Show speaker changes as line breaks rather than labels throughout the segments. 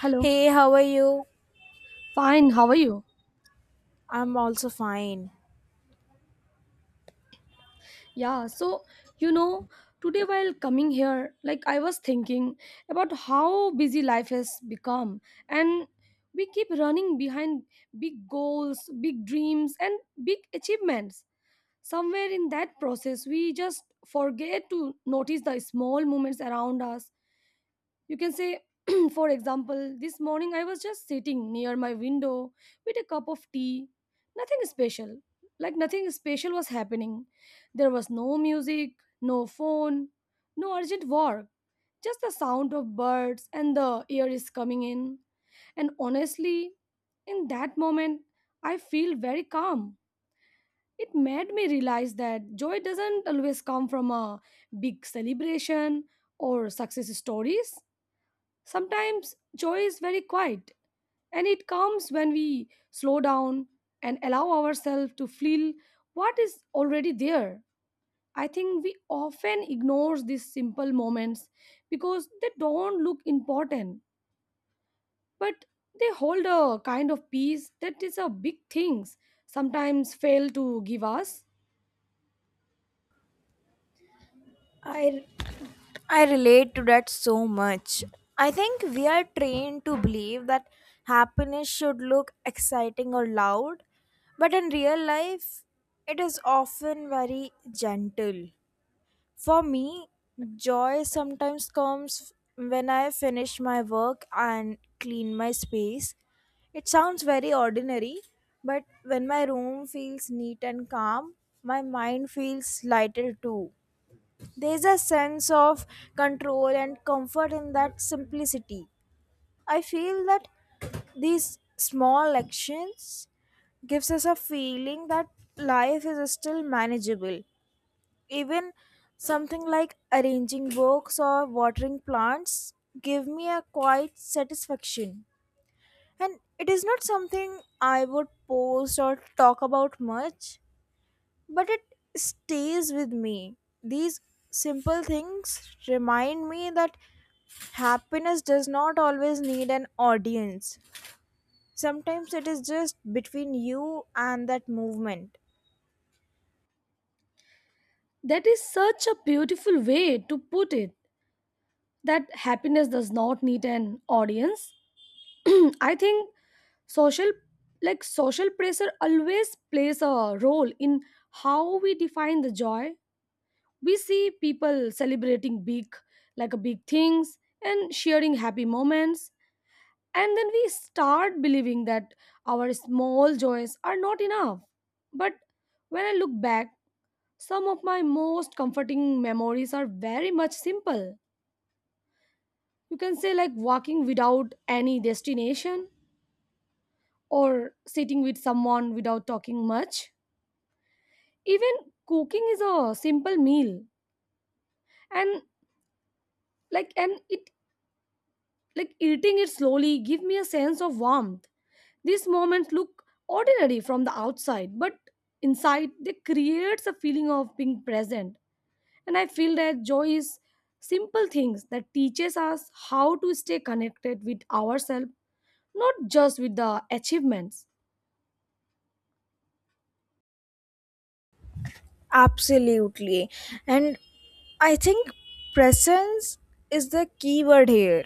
Hello.
Hey, how are you?
Fine, how are you?
I'm also fine.
Yeah, so you know, today while coming here, like I was thinking about how busy life has become and we keep running behind big goals, big dreams and big achievements. Somewhere in that process, we just forget to notice the small moments around us. You can say, for example, this morning I was just sitting near my window with a cup of tea. Nothing special. Like nothing special was happening. There was no music, no phone, no urgent work, just the sound of birds and the air is coming in. And honestly, in that moment, I feel very calm. It made me realize that joy doesn't always come from a big celebration or success stories. Sometimes joy is very quiet, and it comes when we slow down and allow ourselves to feel what is already there. I think we often ignore these simple moments because they don't look important, but they hold a kind of peace that is a big things sometimes fail to give us.
I I relate to that so much. I think we are trained to believe that happiness should look exciting or loud, but in real life it is often very gentle. For me, joy sometimes comes when I finish my work and clean my space. It sounds very ordinary, but when my room feels neat and calm, my mind feels lighter too. There's a sense of control and comfort in that simplicity. I feel that these small actions gives us a feeling that life is still manageable, even something like arranging books or watering plants give me a quiet satisfaction, and it is not something I would post or talk about much, but it stays with me. These simple things remind me that happiness does not always need an audience. Sometimes it is just between you and that movement.
That is such a beautiful way to put it, that happiness does not need an audience. I think social social pressure always plays a role in how we define the joy. We see people celebrating big, like a big things, and sharing happy moments, and then we start believing that our small joys are not enough. But when I look back, some of my most comforting memories are very much simple. You can say, like walking without any destination or sitting with someone without talking much, even cooking is a simple meal, and like and it like eating it slowly give me a sense of warmth. These moments look ordinary from the outside, but inside they creates a feeling of being present, and I feel that joy is simple things that teaches us how to stay connected with ourselves, not just with the achievements.
Absolutely. And I think presence is the key word here.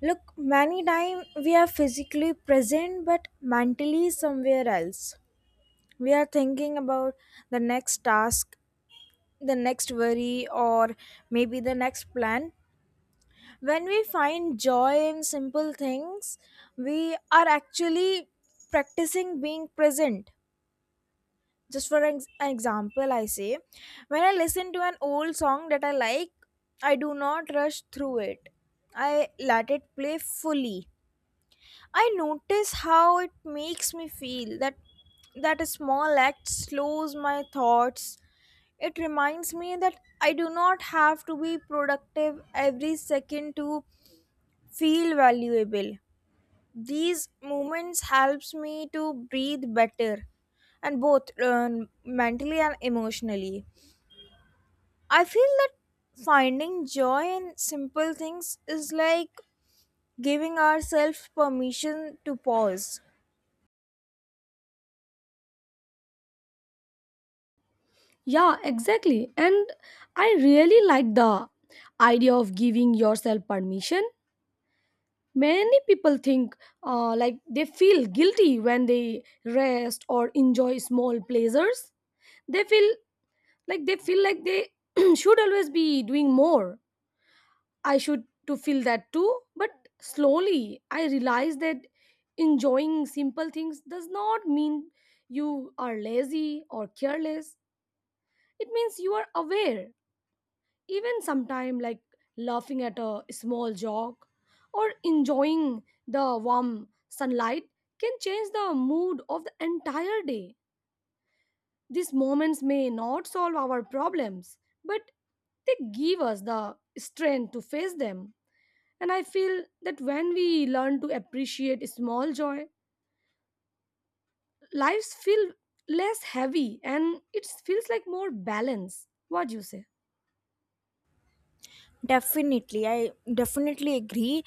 Look, many times we are physically present but mentally somewhere else. We are thinking about the next task, the next worry, or maybe the next plan. When we find joy in simple things, we are actually practicing being present. Just for an example I say, when I listen to an old song that I like, I do not rush through it. I let it play fully. I notice how it makes me feel. That a small act slows my thoughts. It reminds me that I do not have to be productive every second to feel valuable. These moments helps me to breathe better, and both mentally and emotionally, I feel that finding joy in simple things is like giving ourselves permission to pause.
Yeah, exactly, and I really like the idea of giving yourself permission. Many people think, like they feel guilty when they rest or enjoy small pleasures. They feel they feel like they should always be doing more. I should to feel that too, but slowly I realized that enjoying simple things does not mean you are lazy or careless. It means you are aware. Even sometime, like laughing at a small joke or enjoying the warm sunlight, can change the mood of the entire day. These moments may not solve our problems, but they give us the strength to face them. And I feel that when we learn to appreciate small joy, lives feel less heavy and it feels like more balance. What do you say?
Definitely, I definitely agree.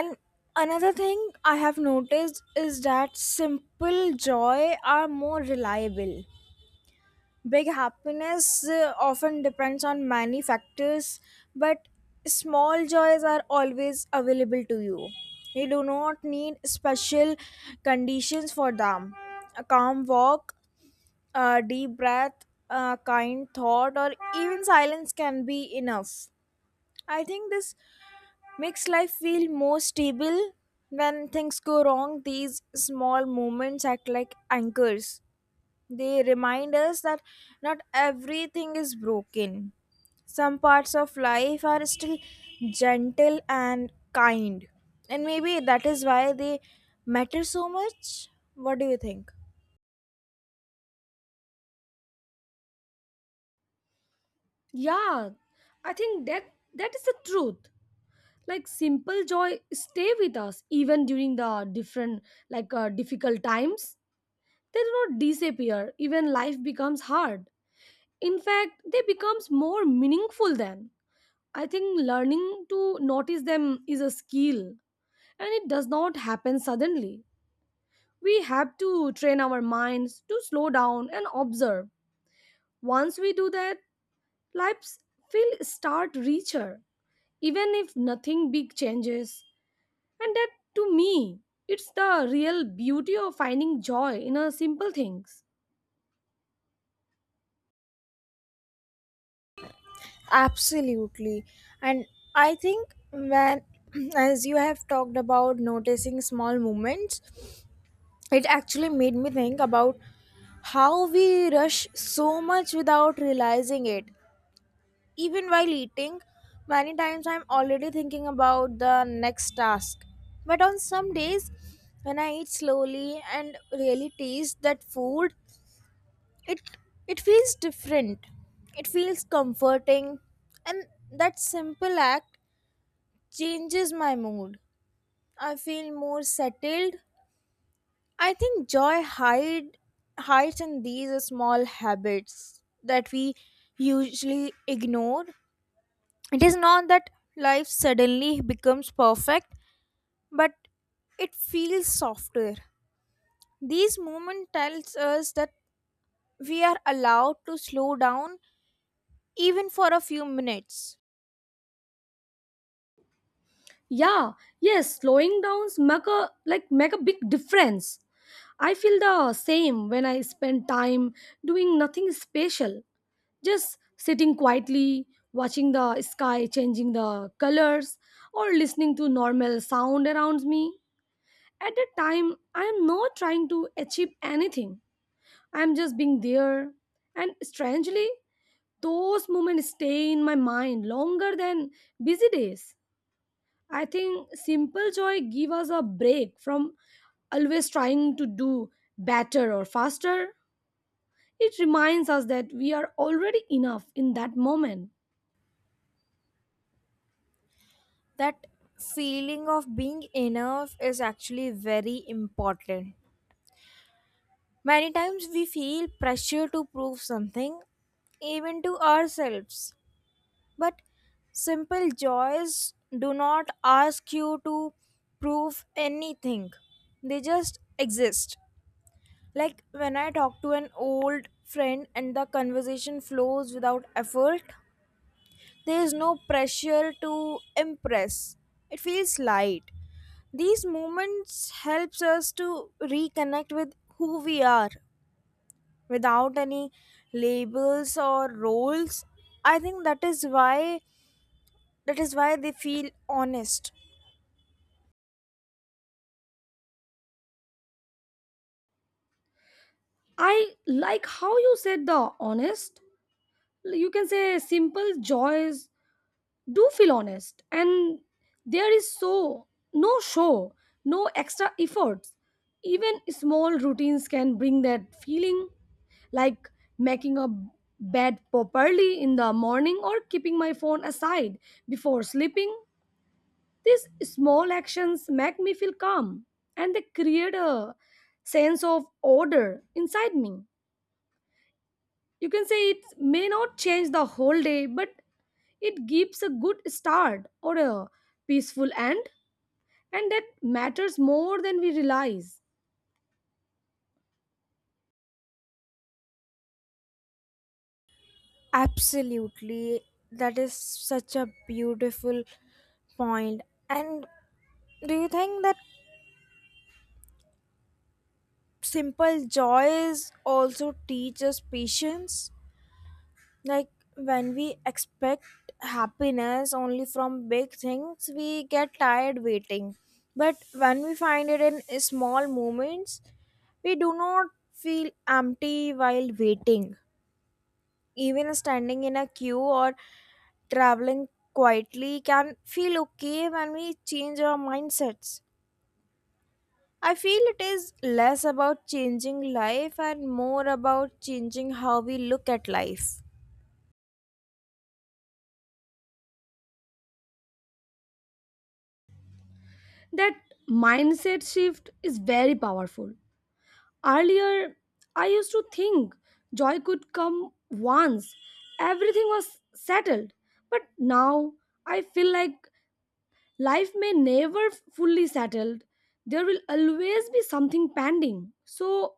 And another thing I have noticed is that simple joy are more reliable. Big happiness, often depends on many factors, but small joys are always available to you. You do not need special conditions for them. A calm walk, a deep breath, a kind thought, or even silence can be enough. I think this makes life feel more stable. When things go wrong, these small moments act like anchors. They remind us that not everything is broken. Some parts of life are still gentle and kind. And maybe that is why they matter so much. What do you think?
Yeah, I think that is the truth. Like simple joy stay with us even during the different, like difficult times. They do not disappear even life becomes hard. In fact, they becomes more meaningful then. I think learning to notice them is a skill, and it does not happen suddenly. We have to train our minds to slow down and observe. Once we do that, lives will start richer even if nothing big changes. And that, to me, it's the real beauty of finding joy in a simple things.
Absolutely. And I think when, as you have talked about noticing small moments, it actually made me think about how we rush so much without realizing it. Even while eating, many times I'm already thinking about the next task. But on some days, when I eat slowly and really taste that food, it it feels different. It feels comforting, and that simple act changes my mood. I feel more settled. I think joy hides in these small habits that we usually ignore. It is not that life suddenly becomes perfect, but it feels softer. These moments tells us that we are allowed to slow down even for a few minutes.
Yeah, yes, slowing downs make a, make a big difference. I feel the same when I spend time doing nothing special, just sitting quietly, watching the sky changing the colors, or listening to normal sound around me. At that time, I am not trying to achieve anything. I am just being there. And strangely, those moments stay in my mind longer than busy days. I think simple joy give us a break from always trying to do better or faster. It reminds us that we are already enough in that moment.
That feeling of being enough is actually very important. Many times we feel pressure to prove something, even to ourselves. But simple joys do not ask you to prove anything, they just exist. Like when I talk to an old friend and the conversation flows without effort, there is no pressure to impress. It feels light. These moments helps us to reconnect with who we are without any labels or roles. I think that is why they feel honest.
I like how you said the honest. You can say simple joys do feel honest, and there is so no show, no extra efforts. Even small routines can bring that feeling, like making a bed properly in the morning or keeping my phone aside before sleeping. These small actions make me feel calm, and they create a sense of order inside me. You can say it may not change the whole day, but it gives a good start or a peaceful end, and that matters more than we realize.
Absolutely, that is such a beautiful point. And do you think that simple joys also teach us patience, like when we expect happiness only from big things, we get tired waiting, but when we find it in small moments, we do not feel empty while waiting. Even standing in a queue or traveling quietly can feel okay when we change our mindsets. I feel it is less about changing life and more about changing how we look at life.
That mindset shift is very powerful. Earlier, I used to think joy could come once, everything was settled, but now I feel like life may never fully settled. There will always be something pending. So,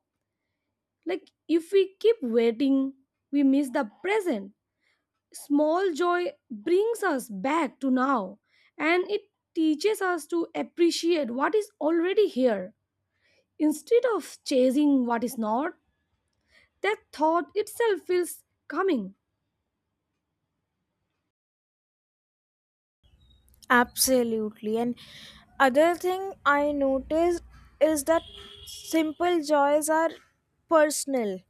like, if we keep waiting, we miss the present. Small joy brings us back to now, and it teaches us to appreciate what is already here instead of chasing what is not. That thought itself feels coming.
Absolutely. And other thing I noticed is that simple joys are personal.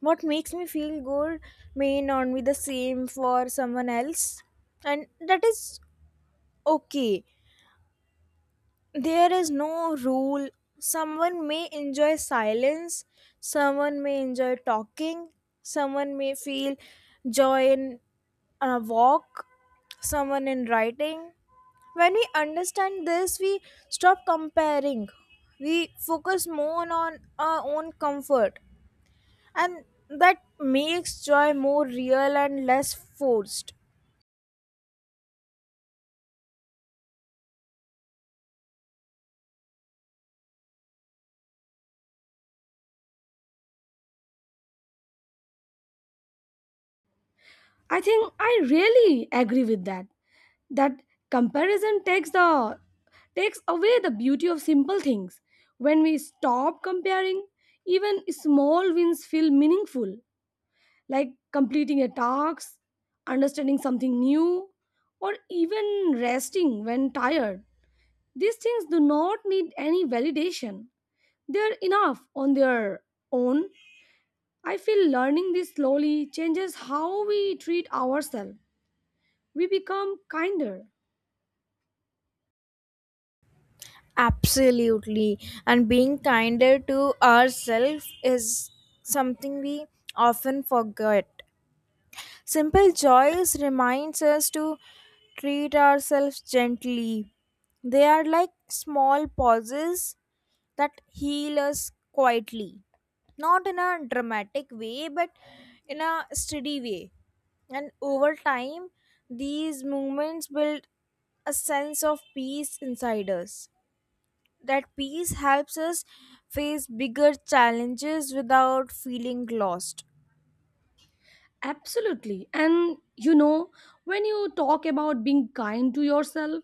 What makes me feel good may not be the same for someone else, and that is okay. There is no rule. Someone may enjoy silence, someone may enjoy talking, someone may feel joy in a walk, someone in writing. When we understand this, we stop comparing. We focus more on our own comfort, and that makes joy more real and less forced.
I think I really agree with that. That comparison takes away the beauty of simple things. When we stop comparing, even small wins feel meaningful. Like completing a task, understanding something new, or even resting when tired. These things do not need any validation, they are enough on their own. I feel learning this slowly changes how we treat ourselves. We become kinder.
Absolutely. And being kinder to ourselves is something we often forget. Simple joys reminds us to treat ourselves gently. They are like small pauses that heal us quietly. Not in a dramatic way, but in a steady way. And over time, these movements build a sense of peace inside us. That peace helps us face bigger challenges without feeling lost.
Absolutely. And you know, when you talk about being kind to yourself,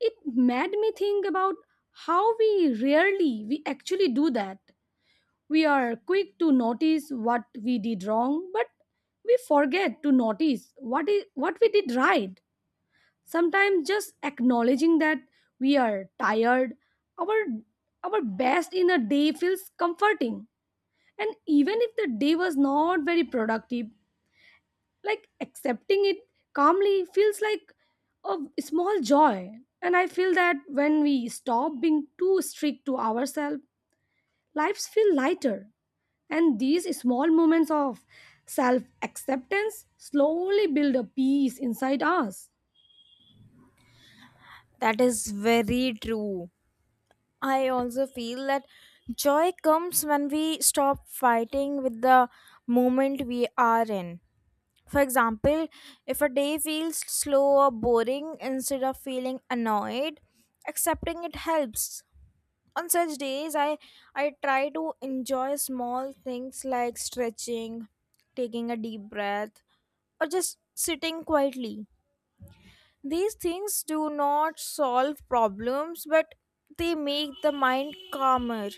it made me think about how we actually do that. We are quick to notice what we did wrong, but we forget to notice what we did right. Sometimes just acknowledging that we are tired, our our best in a day feels comforting. And even if the day was not very productive, like accepting it calmly feels like a small joy. And I feel that when we stop being too strict to ourselves, lives feel lighter. And these small moments of self acceptance slowly build a peace inside us.
That is very true. I also feel that joy comes when we stop fighting with the moment we are in. For example, if a day feels slow or boring, instead of feeling annoyed, accepting it helps. On such days, I try to enjoy small things like stretching, taking a deep breath, or just sitting quietly. These things do not solve problems, but they make the mind calmer.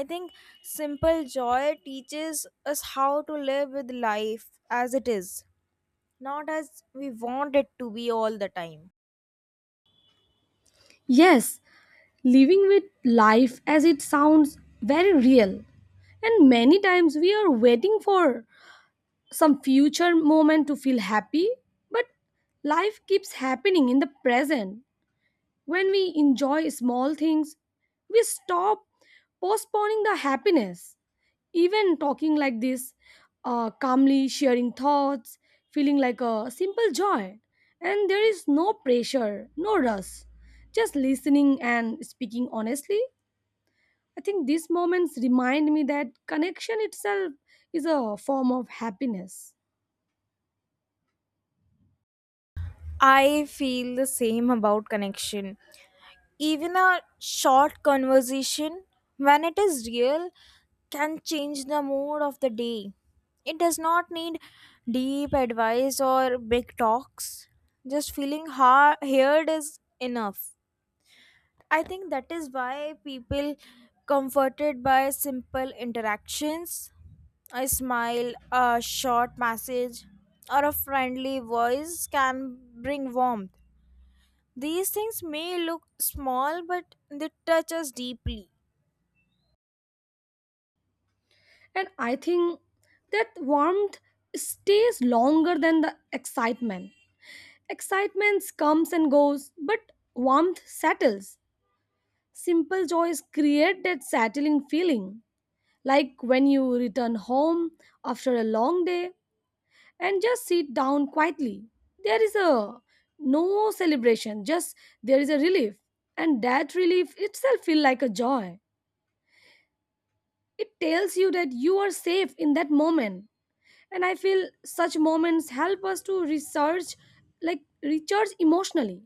I think simple joy teaches us how to live with life as it is, not as we want it to be all the time.
Yes, living with life as it sounds very real. And many times we are waiting for some future moment to feel happy, but life keeps happening in the present. When we enjoy small things, we stop postponing the happiness. Even talking like this, calmly sharing thoughts, feeling like a simple joy. And there is no pressure, no rush. Just listening and speaking honestly. I think these moments remind me that connection itself is a form of happiness.
I feel the same about connection. Even a short conversation, when it is real, can change the mood of the day. It does not need deep advice or big talks. Just feeling heard is enough. I think that is why people comforted by simple interactions. A smile, a short message, or a friendly voice can bring warmth. These things may look small, but they touch us deeply.
And I think that warmth stays longer than the excitement. Excitement comes and goes, but warmth settles. Simple joys create that settling feeling, like when you return home after a long day and just sit down quietly. There is a no celebration, just there is a relief, and that relief itself feels like a joy. It tells you that you are safe in that moment, and I feel such moments help us to research, like recharge emotionally.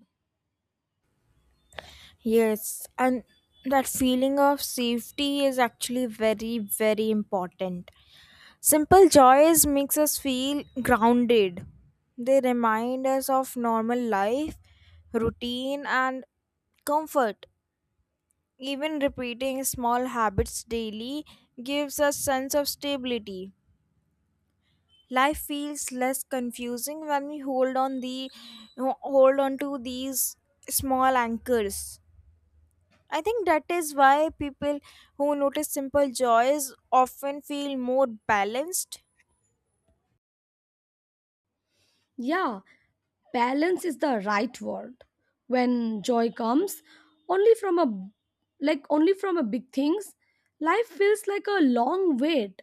Yes, and that feeling of safety is actually very, very important. Simple joys makes us feel grounded. They remind us of normal life, routine, and comfort. Even repeating small habits daily gives us sense of stability. Life feels less confusing when we hold on the hold on to these small anchors. I think that is why people who notice simple joys often feel more balanced.
Yeah, balance is the right word. When joy comes only from a, only from a big things, life feels like a long wait.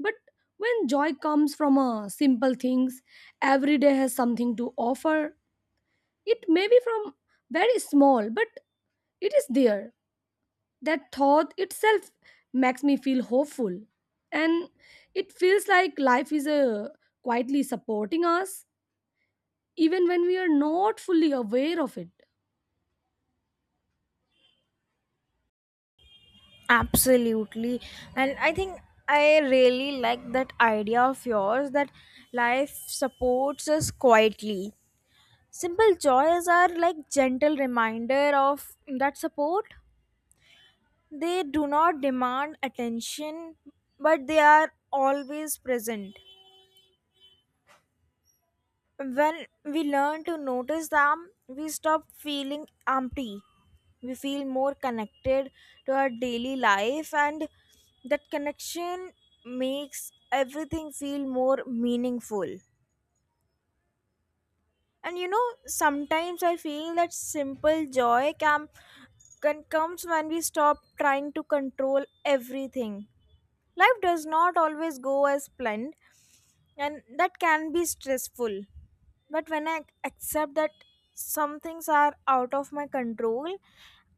But when joy comes from a simple things, every day has something to offer. It may be from very small, but it is there. That thought itself makes me feel hopeful, and it feels like life is a quietly supporting us even when we are not fully aware of it.
Absolutely. And I think I really like that idea of yours, that life supports us quietly. Simple joys are like gentle reminder of that support. They do not demand attention, but they are always present. When we learn to notice them, we stop feeling empty. We feel more connected to our daily life, and that connection makes everything feel more meaningful. And you know, sometimes I feel that simple joy can comes when we stop trying to control everything. Life does not always go as planned, and that can be stressful. But when I accept that some things are out of my control,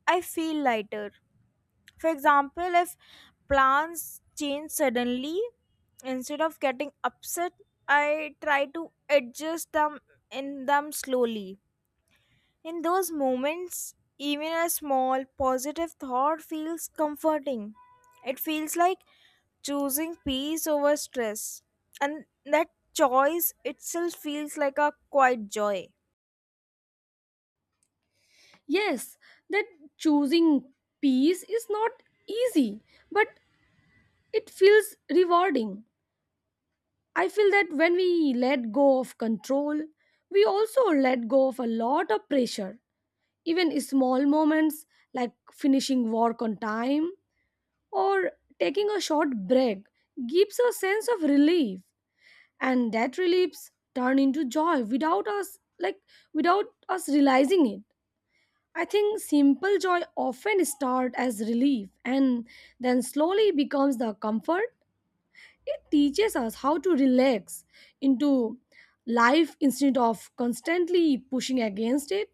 I feel lighter. For example, if plans change suddenly, instead of getting upset, I try to adjust them in them slowly. In those moments, even a small positive thought feels comforting. It feels like choosing peace over stress. And that choice itself feels like a quiet joy.
Yes, that choosing peace is not easy, but it feels rewarding. I feel that when we let go of control, we also let go of a lot of pressure. Even small moments like finishing work on time or taking a short break gives a sense of relief, and that reliefs turn into joy without us realizing it. I think simple joy often starts as relief and then slowly becomes the comfort. It teaches us how to relax into life instead of constantly pushing against it.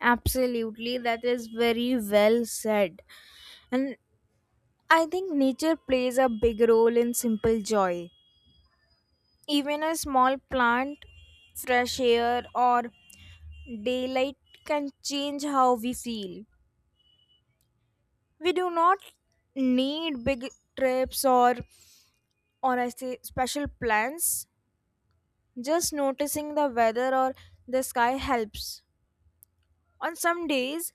Absolutely, that is very well said. And I think nature plays a big role in simple joy. Even a small plant, fresh air, or daylight can change how we feel. We do not need big trips or I say special plans. Just noticing the weather or the sky helps. On some days,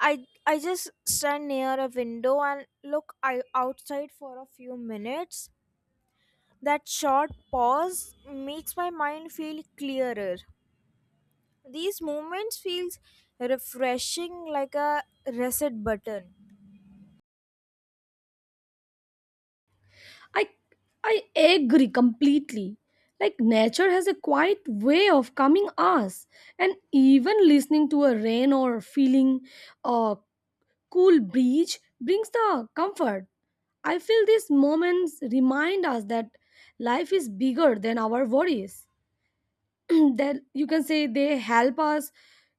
I just stand near a window and look outside for a few minutes. That short pause makes my mind feel clearer. These moments feels refreshing, like a reset button.
I I agree completely. Like nature has a quiet way of calming us, and even listening to a rain or feeling a cool breeze brings the comfort. I feel these moments remind us that life is bigger than our worries. That, you can say, they help us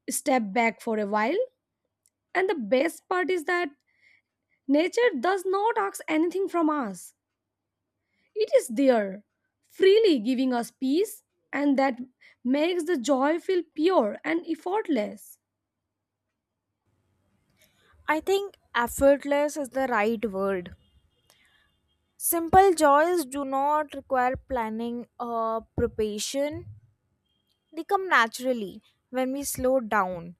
step back for a while. And the best part is that nature does not ask anything from us, it is there, freely giving us peace, and that makes the joy feel pure and effortless.
I think effortless is the right word. Simple joys do not require planning or preparation. They come naturally when we slow down.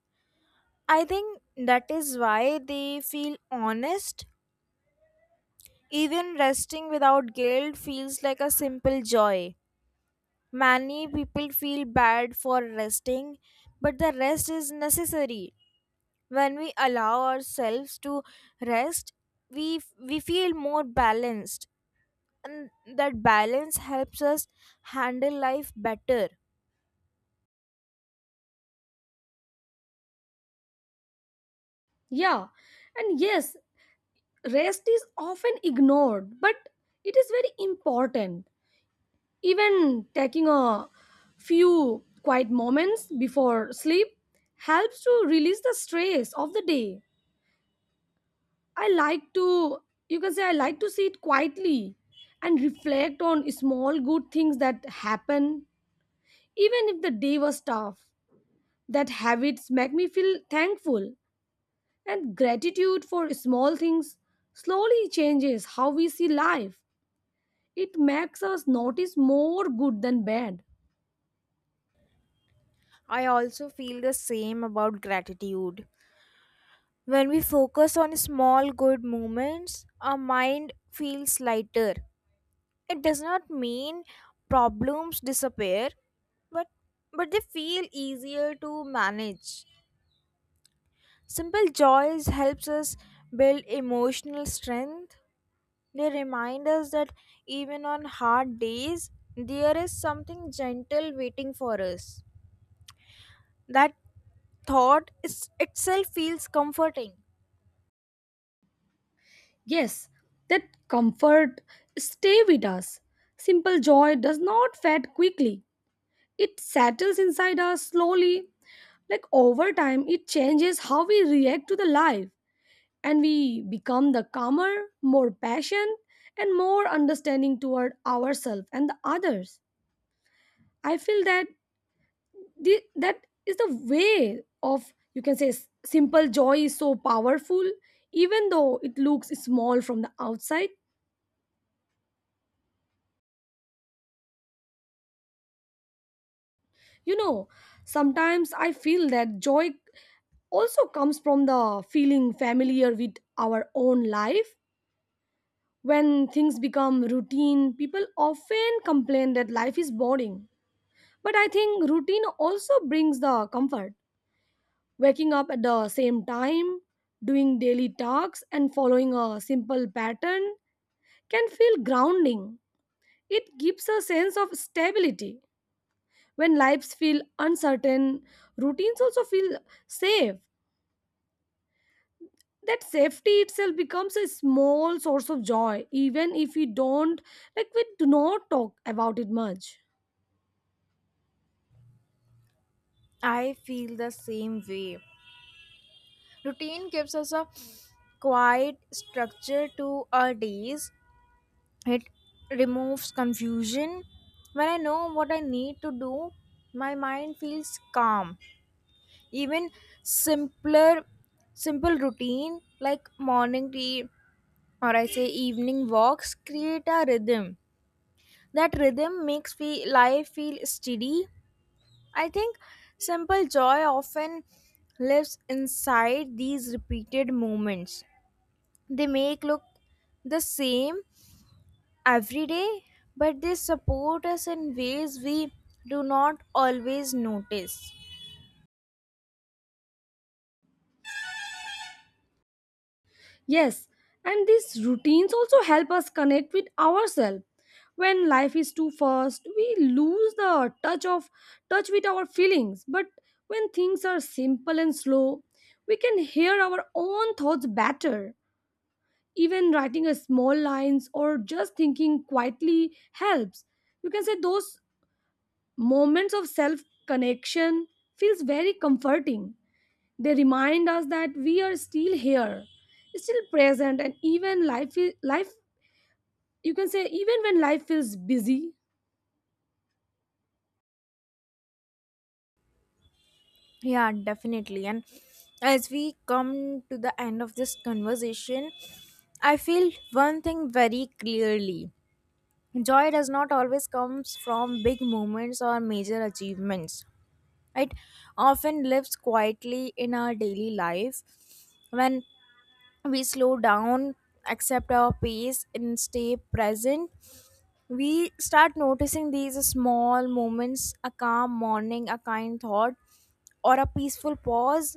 I think that is why they feel honest. Even resting without guilt feels like a simple joy. Many people feel bad for resting, but the rest is necessary. When we allow ourselves to rest, we feel more balanced, and that balance helps us handle life better.
Yeah, and yes, rest is often ignored, but it is very important. Even taking a few quiet moments before sleep helps to release the stress of the day. I like to, you can say, I like to sit quietly and reflect on small good things that happen, even if the day was tough. That habits make me feel thankful, and gratitude for small things slowly changes how we see life. It makes us notice more good than bad.
I also feel the same about gratitude. When we focus on small good moments, our mind feels lighter. It does not mean problems disappear, but but they feel easier to manage. Simple joys helps us build emotional strength. They remind us that even on hard days, there is something gentle waiting for us. That thought is itself feels comforting.
Yes, that comfort stay with us. Simple joy does not fade quickly. It settles inside us slowly. Like over time, it changes how we react to the life, and we become the calmer, more patient, and more understanding toward ourselves and the others. I feel that the, that is the way of, you can say, simple joy is so powerful, even though it looks small from the outside. You know, sometimes I feel that joy also comes from the feeling familiar with our own life. When things become routine, people often complain that life is boring, but I think routine also brings the comfort. Waking up at the same time, doing daily tasks and following a simple pattern can feel grounding. It gives a sense of stability. When lives feel uncertain, routines also feel safe. That safety itself becomes a small source of joy, even if we don't, like, we do not talk about it much.
I feel the same way. Routine gives us a quiet structure to our days. It removes confusion. When I know what I need to do, my mind feels calm. Even simpler simple routine like morning tea, or I say evening walks create a rhythm. That rhythm makes life feel steady. I think simple joy often lives inside these repeated moments. They make look the same every day, but they support us in ways we do not always notice.
Yes, and these routines also help us connect with ourselves. When life is too fast, we lose the touch with our feelings. But when things are simple and slow, we can hear our own thoughts better. Even writing a small lines or just thinking quietly helps. You can say those moments of self connection feels very comforting. They remind us that we are still here, still present, and even life, is, life you can say, even when life feels busy.
Yeah, definitely. And as we come to the end of this conversation, I feel one thing very clearly. Joy does not always comes from big moments or major achievements. It often lives quietly in our daily life. When we slow down, accept our pace, and stay present, we start noticing these small moments. A calm morning, a kind thought, or a peaceful pause,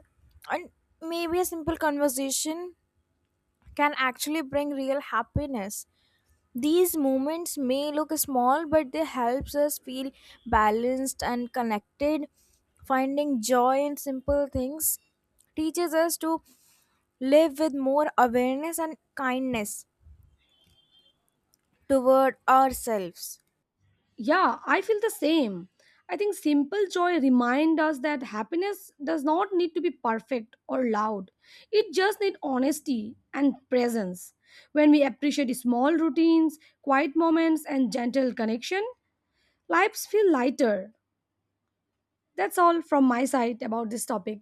and maybe a simple conversation can actually bring real happiness. These moments may look small, but they helps us feel balanced and connected. Finding joy in simple things teaches us to live with more awareness and kindness toward ourselves.
Yeah, I feel the same. I think simple joy remind us that happiness does not need to be perfect or loud. It just needs honesty and presence. When we appreciate small routines, quiet moments, and gentle connection, lives feel lighter. That's all from my side about this topic.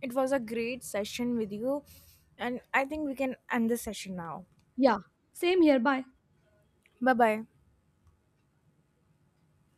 It was a great session with you, and I think we can end the session now.
Yeah, same here. Bye.
Bye bye.